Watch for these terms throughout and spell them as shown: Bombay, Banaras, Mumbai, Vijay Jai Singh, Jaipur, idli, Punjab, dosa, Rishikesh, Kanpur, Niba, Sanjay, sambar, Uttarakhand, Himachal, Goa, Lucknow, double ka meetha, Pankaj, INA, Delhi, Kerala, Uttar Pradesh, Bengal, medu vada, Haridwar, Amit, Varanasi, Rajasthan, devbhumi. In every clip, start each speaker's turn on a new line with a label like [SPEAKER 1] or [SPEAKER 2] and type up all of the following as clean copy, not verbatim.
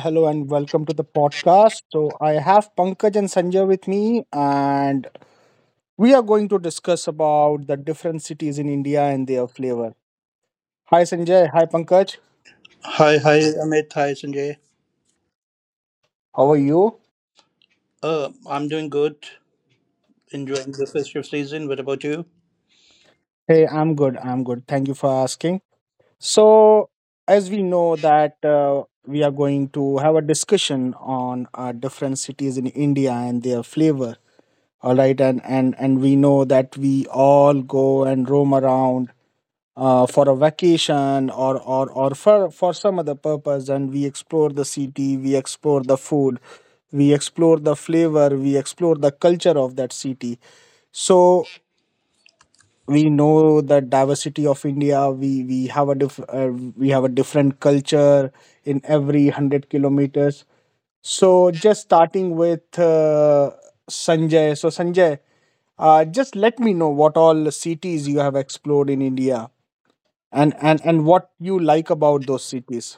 [SPEAKER 1] Hello and welcome to the podcast. So I have Pankaj and Sanjay with me, and we are going to discuss about the different cities in India and their flavor. Hi, Sanjay. Hi, Pankaj.
[SPEAKER 2] Hi, Amit. Hi, Sanjay.
[SPEAKER 1] How are you?
[SPEAKER 2] I'm doing good, enjoying the festive season. What about you?
[SPEAKER 1] Hey, I'm good. I'm good. Thank you for asking. So, as we know that we are going to have a discussion on different cities in India and their flavor. All right, and we know that we all go and roam around for a vacation or for some other purpose, and we explore the city, we explore the food, we explore the flavor, we explore the culture of that city. So we know the diversity of India. We have a we have a different culture in every 100 kilometers. So just starting with Sanjay, so Sanjay, just let me know what all cities you have explored in India, and what you like about those cities.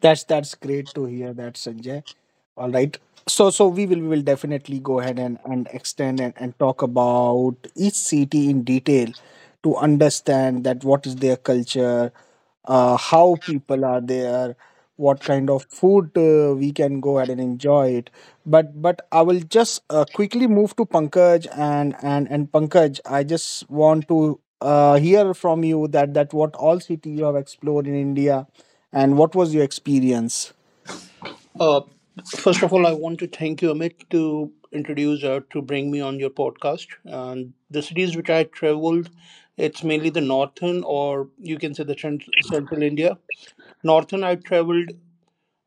[SPEAKER 1] That's great to hear that, Sanjay. All right. So we will definitely go ahead and extend and talk about each city in detail to understand that what is their culture, how people are there, what kind of food we can go ahead and enjoy it. But I will just quickly move to Pankaj, and Pankaj, I just want to hear from you that what all city you have explored in India, and what was your experience?
[SPEAKER 2] Uh, first of all, I want to thank you, Amit, to introduce or to bring me on your podcast. And the cities which I traveled, it's mainly the northern, or you can say the central India. Northern, I traveled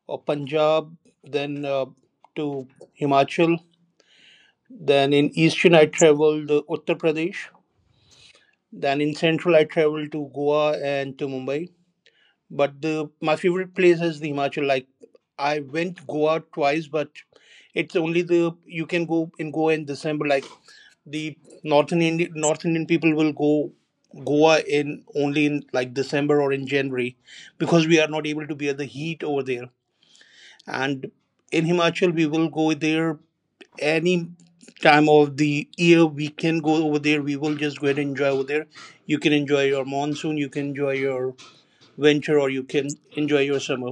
[SPEAKER 2] Punjab, then to Himachal. Then in eastern, I traveled Uttar Pradesh. Then in central, I traveled to Goa and to Mumbai. But the my favorite place is the Himachal. Like I went Goa twice, but it's only the you can go in Goa in December. Like the North Indian people will go Goa in only in like December or in January because we are not able to bear the heat over there. And in Himachal, we will go there any time of the year, we can go over there, we will just go and enjoy over there, you can enjoy your monsoon, you can enjoy your venture, or you can enjoy your summer.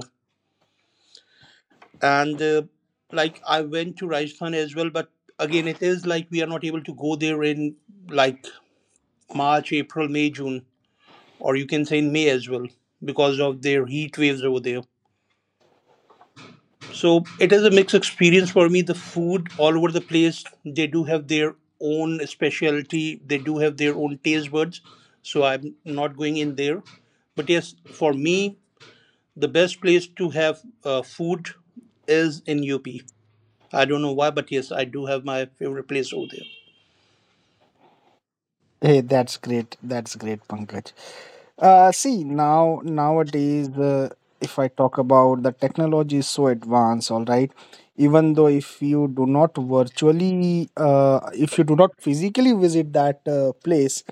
[SPEAKER 2] And like I went to Rajasthan as well, but again, it is like we are not able to go there in like March, April, May, June, or you can say in May as well because of their heat waves over there. So it is a mixed experience for me. The food all over the place, they do have their own specialty, they do have their own taste buds. So I'm not going in there. But yes, for me, the best place to have food is in UP. I don't know why, but yes, I do have my favorite place over there.
[SPEAKER 1] Hey, that's great. That's great, Pankaj. See, now nowadays, if I talk about the technology is so advanced, all right. Even though if you do not virtually, if you do not physically visit that place,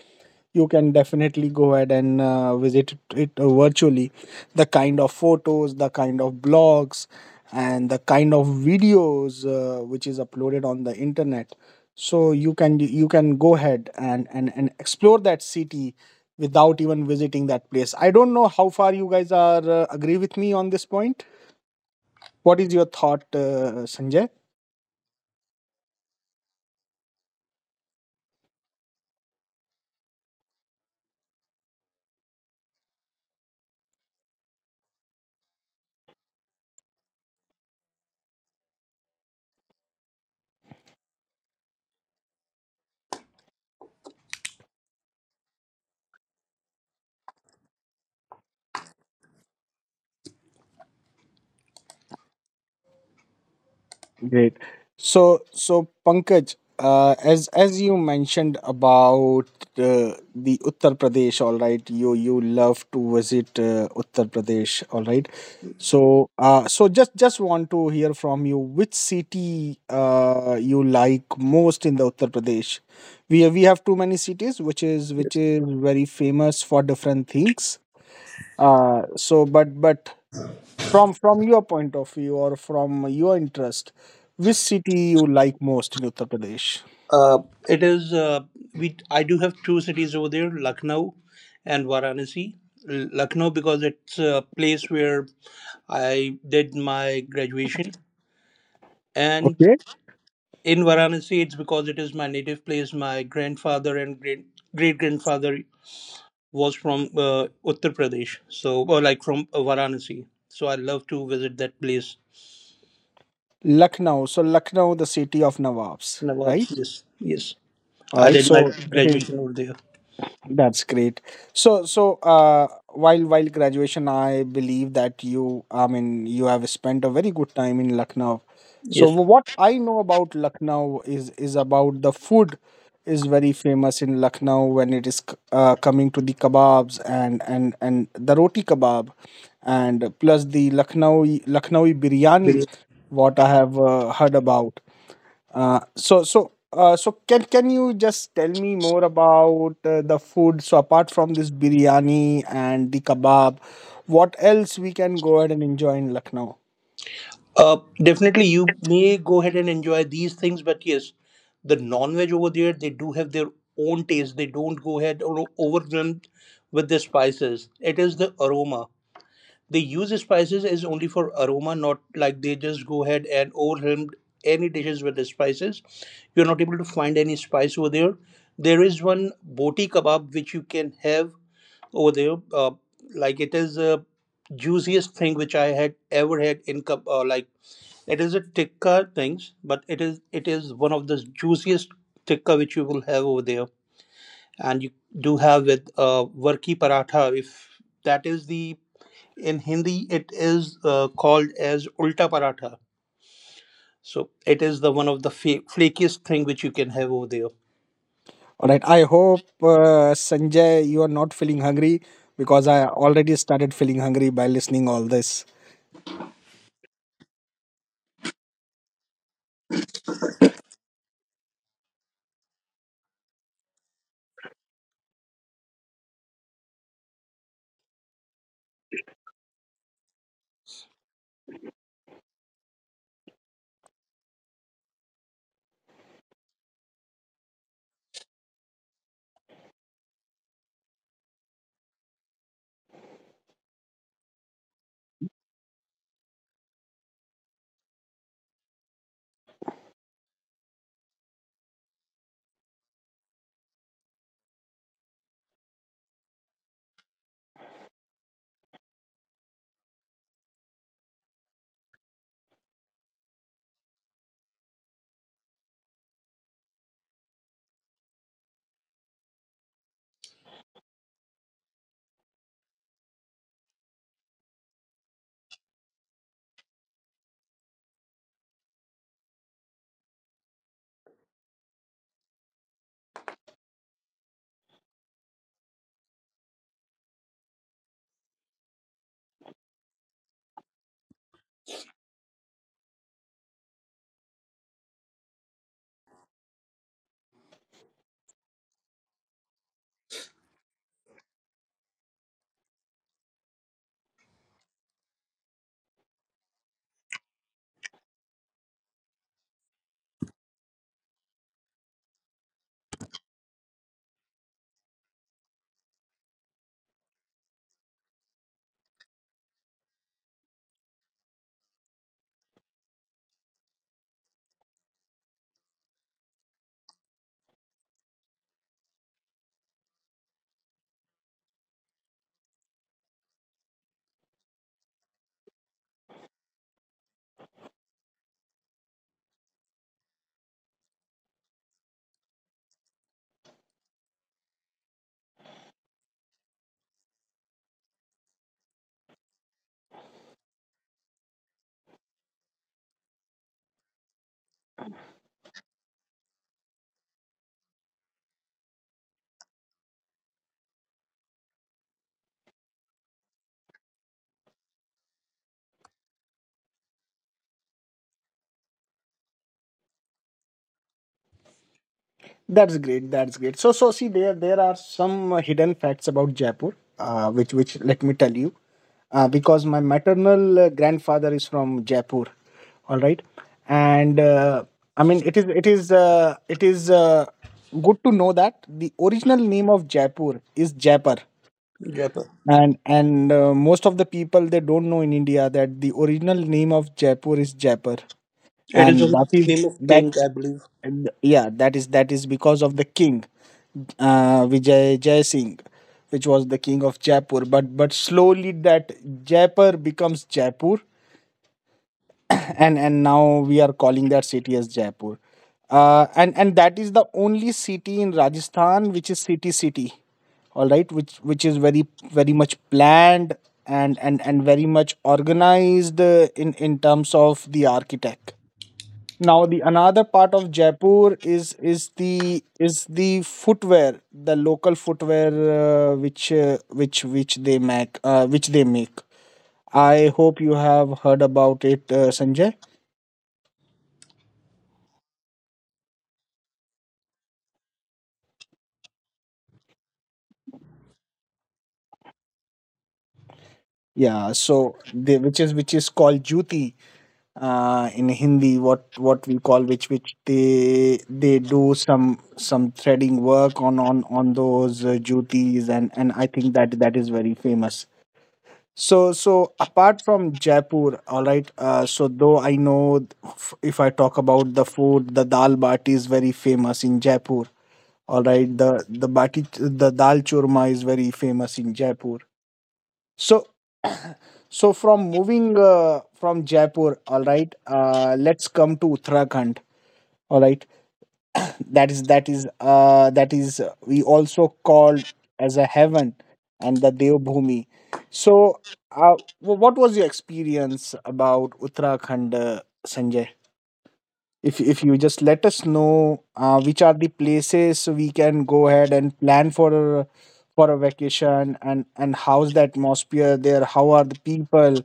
[SPEAKER 1] you can definitely go ahead and visit it virtually. The kind of photos, the kind of blogs, and the kind of videos which is uploaded on the internet. So you can go ahead and explore that city without even visiting that place. I don't know how far you guys are agree with me on this point. What is your thought, Sanjay? Great. So Pankaj, as you mentioned about the Uttar Pradesh, all right, you love to visit Uttar Pradesh, all right. So, so just want to hear from you which city you like most in the Uttar Pradesh. We have too many cities, which is very famous for different things. So, but from your point of view or from your interest, which city you like most in Uttar Pradesh?
[SPEAKER 2] Uh, it is we. I do have two cities over there, Lucknow and Varanasi. Lucknow because it's a place where I did my graduation, and
[SPEAKER 1] Okay,
[SPEAKER 2] in Varanasi it's because it is my native place. My grandfather and great great grandfather was from Uttar Pradesh, so or like from Varanasi. So I love to visit that place.
[SPEAKER 1] Lucknow. So Lucknow, the city of Nawabs,
[SPEAKER 2] Nawabs,
[SPEAKER 1] right?
[SPEAKER 2] yes, yes.
[SPEAKER 1] All
[SPEAKER 2] I
[SPEAKER 1] right,
[SPEAKER 2] did my
[SPEAKER 1] so it is.
[SPEAKER 2] graduation over there.
[SPEAKER 1] That's great. So, so while graduation, I believe that you, I mean, you have spent a very good time in Lucknow. So,
[SPEAKER 2] Yes.
[SPEAKER 1] what I know about Lucknow is about the food is very famous in Lucknow when it is coming to the kebabs and the roti kebab, and plus the Lucknowi biryani,
[SPEAKER 2] Brilliant.
[SPEAKER 1] what I have heard about. So so so can you just tell me more about the food? So apart from this biryani and the kebab, what else we can go ahead and enjoy in Lucknow?
[SPEAKER 2] Uh, definitely, you may go ahead and enjoy these things, but yes, the non-veg over there, they do have their own taste. They don't go ahead or overwhelmed with the spices. It is the aroma. They use the spices is only for aroma, not like they just go ahead and overwhelmed any dishes with the spices. You're not able to find any spice over there. There is one boti kebab which you can have over there. Like it is the juiciest thing which I had ever had in cup. Like it is a tikka things, but it is one of the juiciest tikka which you will have over there. And you do have with varki paratha. If that is the in Hindi, it is called as ulta paratha. So it is the one of the flakiest thing which you can have over there.
[SPEAKER 1] All right. I hope Sanjay, you are not feeling hungry, because I already started feeling hungry by listening all this. That's great. That's great. So, so see, there are some hidden facts about Jaipur, which let me tell you, because my maternal grandfather is from Jaipur, all right, and I mean it is good to know that the original name of Jaipur is Jaipur,
[SPEAKER 2] Jaipur.
[SPEAKER 1] and most of the people they don't know in India that the original name of Jaipur is Jaipur,
[SPEAKER 2] It is
[SPEAKER 1] and
[SPEAKER 2] the
[SPEAKER 1] that is
[SPEAKER 2] name of
[SPEAKER 1] that
[SPEAKER 2] king, I believe.
[SPEAKER 1] and yeah, that is because of the king Vijay Jai Singh, which was the king of Jaipur. But slowly that Jaipur becomes Jaipur, and now we are calling that city as Jaipur. And that is the only city in Rajasthan which is city city, all right, which is very very much planned and very much organized in terms of the architect. Now the another part of Jaipur is the footwear, the local footwear which which they make which they make. I hope you have heard about it, Sanjay. Yeah, so they, which is called juti in Hindi. What we call which they do some threading work on on those jutis, and I think that is very famous. So, so apart from Jaipur, all right. So though I know, if I talk about the food, the dal bati is very famous in Jaipur. All right, the bati, the dal churma is very famous in Jaipur. So, so from moving from Jaipur, all right. Let's come to Uttarakhand. All right. That is we also called as a heaven and the Devbhumi. So what was your experience about Uttarakhand, Sanjay? If you just let us know which are the places we can go ahead and plan a, for a vacation, and how's the atmosphere there, how are the people,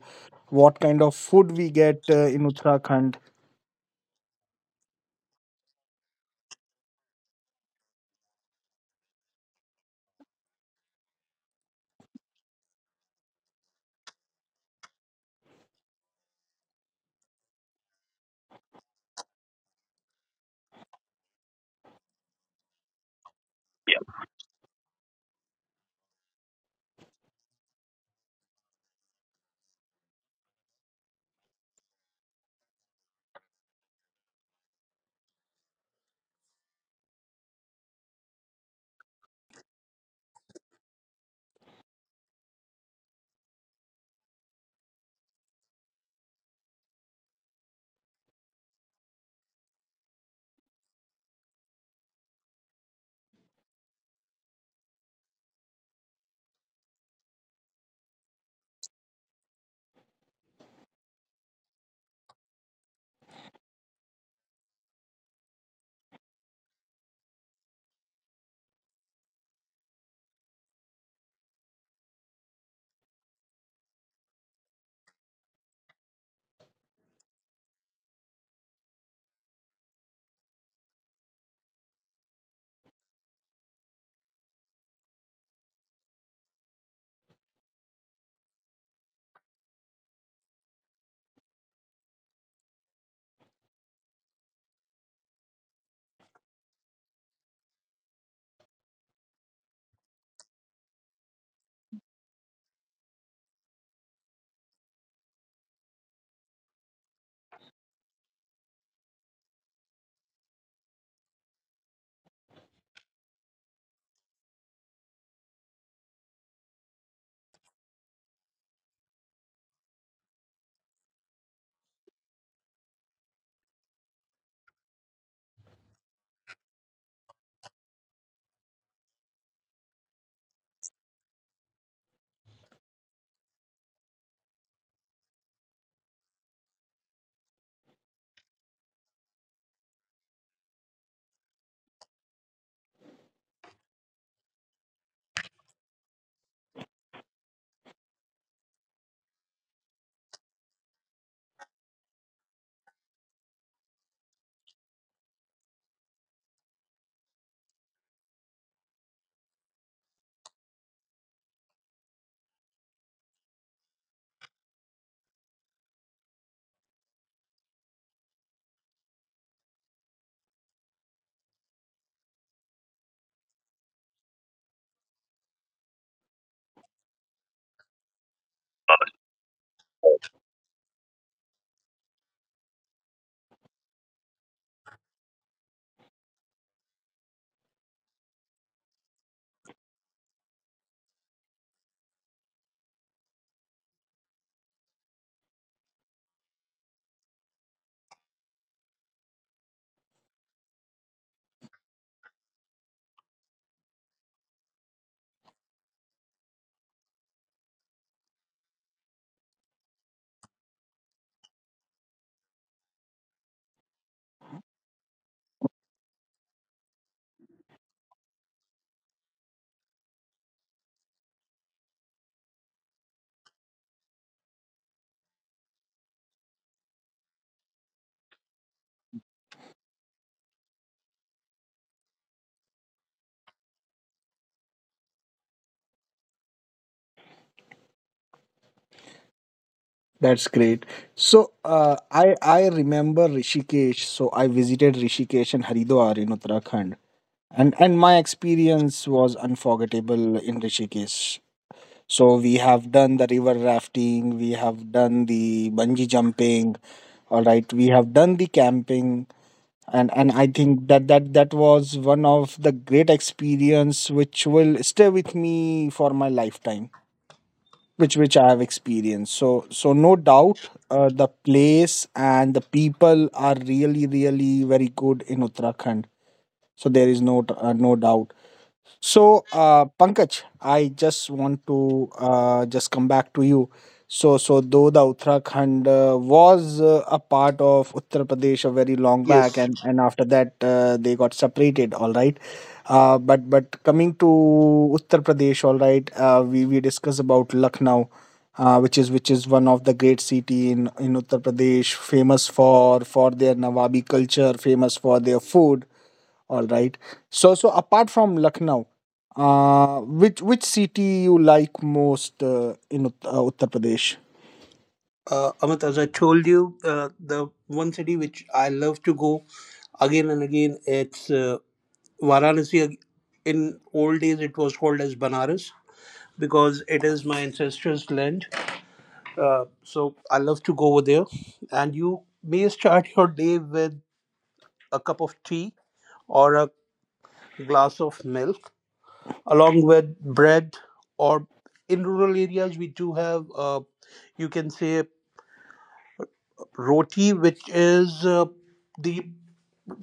[SPEAKER 1] what kind of food we get in Uttarakhand. That's great. So I remember Rishikesh. So I visited Rishikesh and Haridwar in Uttarakhand, and my experience was unforgettable in Rishikesh. So we have done the river rafting, we have done the bungee jumping, all right. We have done the camping, and I think that was one of the great experience which will stay with me for my lifetime, which I have experienced. So so no doubt, the place and the people are really really very good in Uttarakhand. So there is no no doubt. So, Pankaj, I just want to just come back to you. So, so though the Uttarakhand was a part of Uttar Pradesh a very long back,
[SPEAKER 2] Yes.
[SPEAKER 1] and after that they got separated. All right, but coming to Uttar Pradesh, all right, we discuss about Lucknow. Which is one of the great city in Uttar Pradesh, famous for their Nawabi culture, famous for their food, all right. So so apart from Lucknow, which city you like most in Uttar Pradesh?
[SPEAKER 2] Amit, as I told you, the one city which I love to go again and again, it's Varanasi. In old days, it was called as Banaras because it is my ancestors' land. So I love to go over there. And you may start your day with a cup of tea or a glass of milk, along with bread. Or in rural areas, we do have, you can say, roti, which is the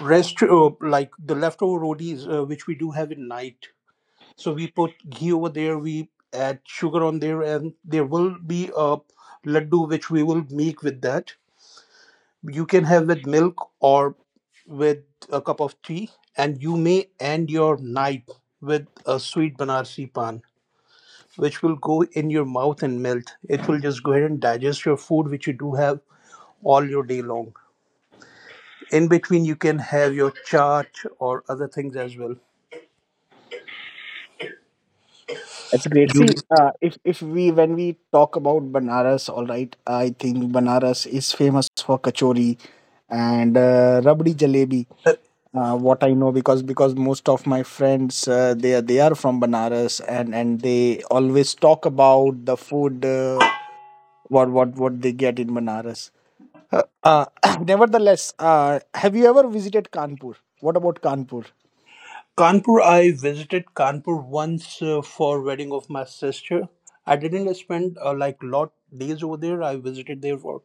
[SPEAKER 2] rest, like the leftover rotis, which we do have at night. So we put ghee over there, we add sugar on there, and there will be a laddu which we will make with that. You can have with milk or with a cup of tea, and you may end your night with a sweet Banarsi pan, which will go in your mouth and melt. It will just go ahead and digest your food, which you do have all your day long. In between you can have your chart or other things as well.
[SPEAKER 1] That's great.
[SPEAKER 2] You
[SPEAKER 1] See, if we when we talk about Banaras, all right, I think Banaras is famous for kachori and rabdi jalebi.
[SPEAKER 2] uh,
[SPEAKER 1] What I know, because most of my friends they are from Banaras, and they always talk about the food what they get in Banaras. Uh, uh, nevertheless, have you ever visited Kanpur? What about Kanpur?
[SPEAKER 2] Kanpur, I visited Kanpur once for wedding of my sister. I didn't spend like lot days over there, I visited there for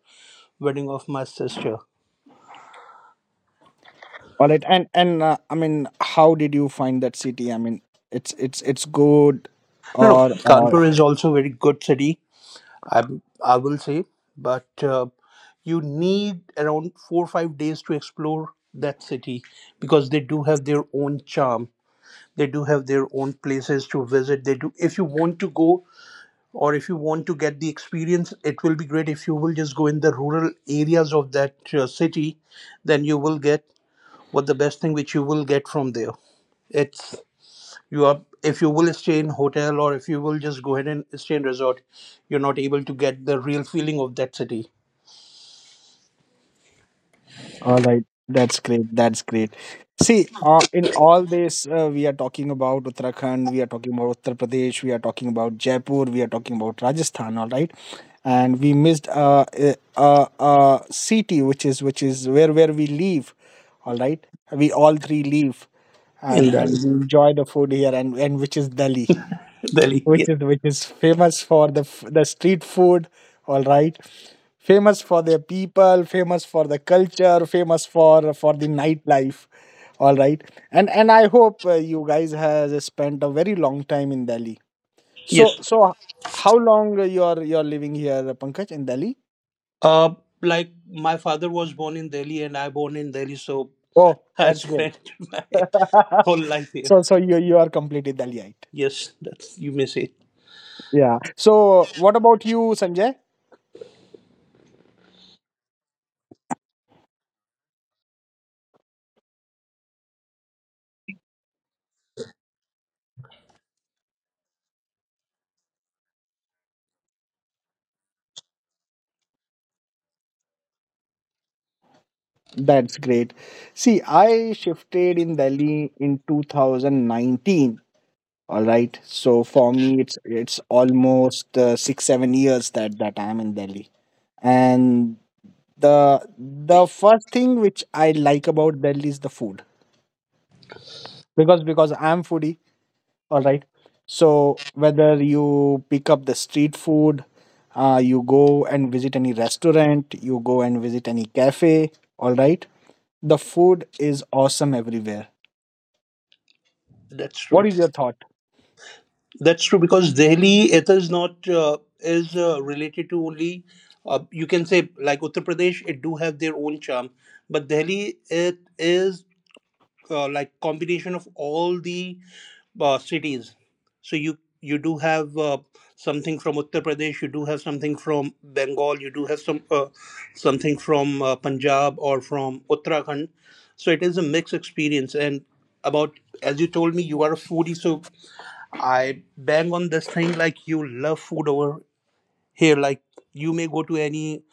[SPEAKER 2] wedding of my sister.
[SPEAKER 1] All right, and I mean, how did you find that city? I mean, it's it's good,
[SPEAKER 2] No, no,
[SPEAKER 1] or
[SPEAKER 2] Kanpur is also very good city, i I will say. But you need around 4 or 5 days to explore that city because they do have their own charm, they do have their own places to visit, they do. If you want to go or if you want to get the experience, it will be great if you will just go in the rural areas of that city, then you will get what the best thing which you will get from there. It's you are, if you will stay in hotel or if you will just go ahead and stay in resort, you're not able to get the real feeling of that city.
[SPEAKER 1] all right. That's great. That's great. See, in all this, we are talking about Uttarakhand, we are talking about Uttar Pradesh, we are talking about Jaipur, we are talking about Rajasthan. All right, and we missed a city which is where we live. All right, we all three live, and
[SPEAKER 2] In Delhi,
[SPEAKER 1] we enjoy the food here, and which is Delhi,
[SPEAKER 2] Delhi,
[SPEAKER 1] which
[SPEAKER 2] yes,
[SPEAKER 1] is which is famous for the the street food, all right, famous for their people, famous for the culture, famous for the nightlife, all right. And I hope you guys has spent a very long time in Delhi. So
[SPEAKER 2] yes.
[SPEAKER 1] so how long you're living here, Pankaj, in Delhi?
[SPEAKER 2] uh like my father was born in Delhi and I born in Delhi, so
[SPEAKER 1] Oh,
[SPEAKER 2] I
[SPEAKER 1] that's great.
[SPEAKER 2] spent my whole life here.
[SPEAKER 1] So so you are completely Delhiite.
[SPEAKER 2] Yes, that's you may say
[SPEAKER 1] Yeah, so what about you, Sanjay? That's great. See, I shifted in Delhi in 2019. All right. So for me, it's almost 6 7 years that I'm in Delhi. And the first thing which I like about Delhi is the food, because I'm foodie. All right. So whether you pick up the street food, you go and visit any restaurant, you go and visit any cafe. All right. The food is awesome everywhere.
[SPEAKER 2] that's
[SPEAKER 1] What
[SPEAKER 2] true.
[SPEAKER 1] is your thought?
[SPEAKER 2] That's true because Delhi, it is not is related to only you can say like Uttar Pradesh, it do have their own charm, but Delhi, it is like combination of all the cities. So you do have something from Uttar Pradesh, you do have something from Bengal, you do have some something from Punjab or from Uttarakhand. So it is a mixed experience. And about, as you told me you are a foodie, so I bang on this thing like you love food over here. Like you may go to any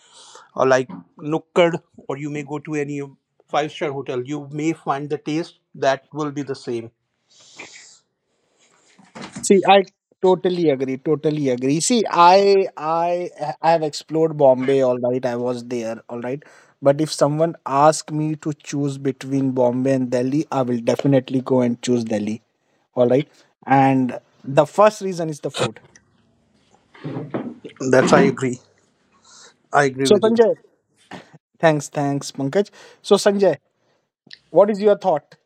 [SPEAKER 2] like Nukkad or you may go to any 5 star hotel. You may find the taste that will be the same.
[SPEAKER 1] See, I totally agree. Totally agree. See, I have explored Bombay. All right, I was there. All right, but if someone asks me to choose between Bombay and Delhi, I will definitely go and choose Delhi. All right, and the first reason is the food.
[SPEAKER 2] That's I agree. I agree
[SPEAKER 1] So
[SPEAKER 2] with you.
[SPEAKER 1] Sanjay, thanks, Pankaj. So Sanjay, what is your thought?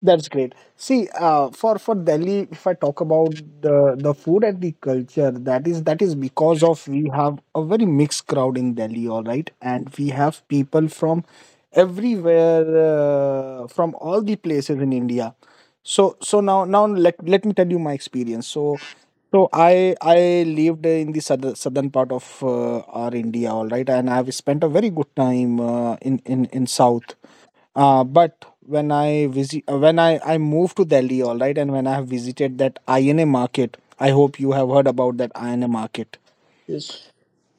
[SPEAKER 1] That's great. See, for Delhi, if I talk about the food and the culture, that is because of we have a very mixed crowd in Delhi, all right, and we have people from everywhere, from all the places in India. So now let me tell you my experience. So I lived in the southern part of our India, all right, and I've spent a very good time in south. But when I visit, when I moved to Delhi, all right, and when I have visited that INA market, I hope you have heard about that INA market.
[SPEAKER 2] Yes.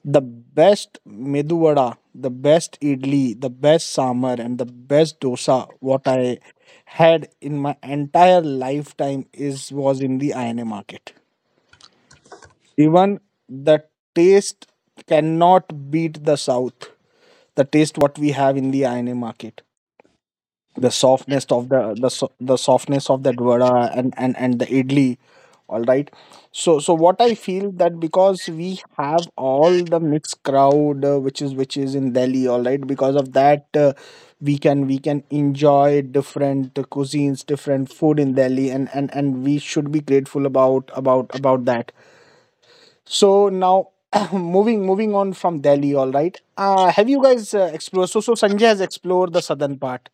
[SPEAKER 1] The best medu vada, the best idli, the best sambar, and the best dosa what I had in my entire lifetime is was in the INA market. Even the taste cannot beat the South. The taste what we have in the INA market, the softness of the the softness of that vada and the idli. All right, so what I feel that because we have all the mixed crowd, which is in Delhi, all right, because of that, we can enjoy different cuisines, different food in Delhi, and we should be grateful about that. So now moving on from Delhi, all right, have you guys explored, so Sanjay has explored the southern part.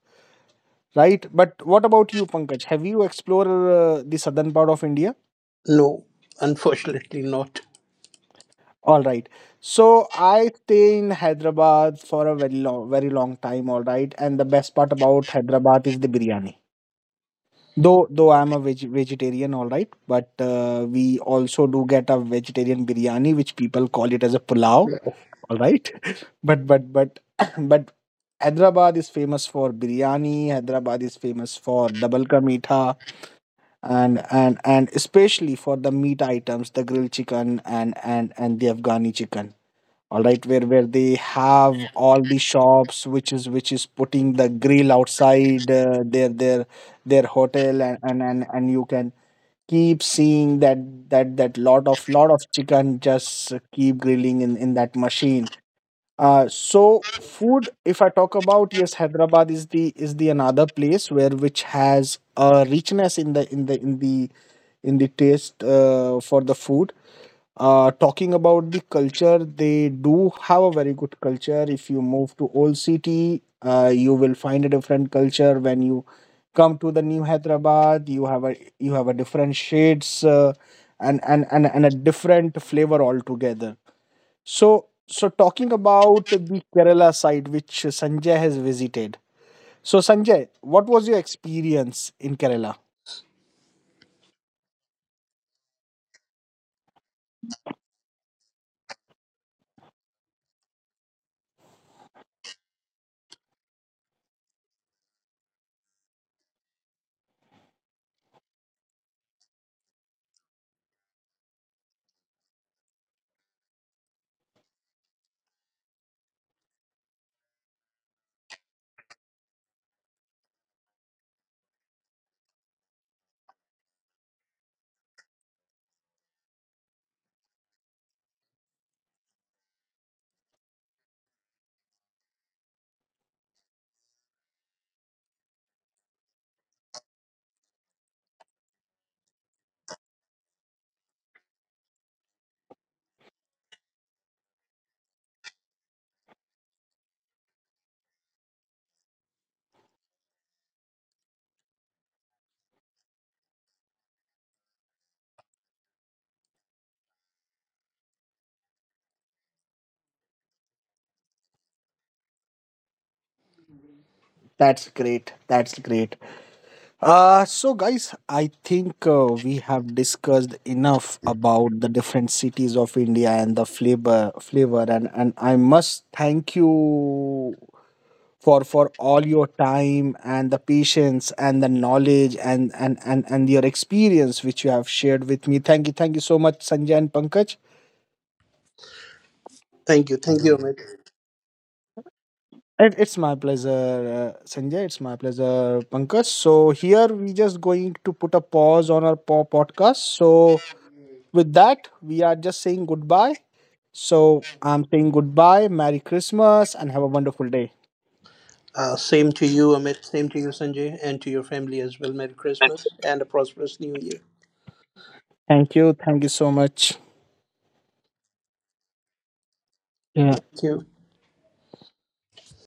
[SPEAKER 1] Right. But what about you, Pankaj? Have you explored the southern part of India?
[SPEAKER 2] No, unfortunately not.
[SPEAKER 1] All right. So I stay in Hyderabad for a very long, very long time. All right. And the best part about Hyderabad is the biryani. Though I'm a vegetarian, all right, but we also do get a vegetarian biryani, which people call it as a pulao, all right. But, but Hyderabad is famous for biryani. Hyderabad is famous for double ka meetha, and especially for the meat items, the grilled chicken and the afghani chicken, all right, where they have all the shops which is putting the grill outside their hotel, and, you can keep seeing that lot of chicken just keep grilling in that machine. So food, if I talk about, yes, Hyderabad is the another place where which has a richness in the in the in the in the taste for the food. Talking about the culture, they do have a very good culture. If you move to Old City, you will find a different culture. When you come to the new Hyderabad, you have a different shades, and, a different flavor altogether. So, so talking about the Kerala side, which Sanjay has visited. So, Sanjay, what was your experience in Kerala? That's great. That's great. So, guys, I think we have discussed enough about the different cities of India and the flavor, and I must thank you for all your time and the patience and the knowledge and and your experience which you have shared with me. Thank you, thank you so much, Sanjay and Pankaj.
[SPEAKER 2] Thank you. Thank you, Amit.
[SPEAKER 1] It's my pleasure, Sanjay. It's my pleasure, Pankaj. So here we just going to put a pause on our podcast. So with that, we are just saying goodbye. So I'm saying goodbye, merry Christmas, and have a wonderful day.
[SPEAKER 2] Same to you, Amit. Same to you, Sanjay, and to your family as well. Merry Christmas and a prosperous New Year.
[SPEAKER 1] Thank you, thank you so much. Yeah.
[SPEAKER 2] Thank you.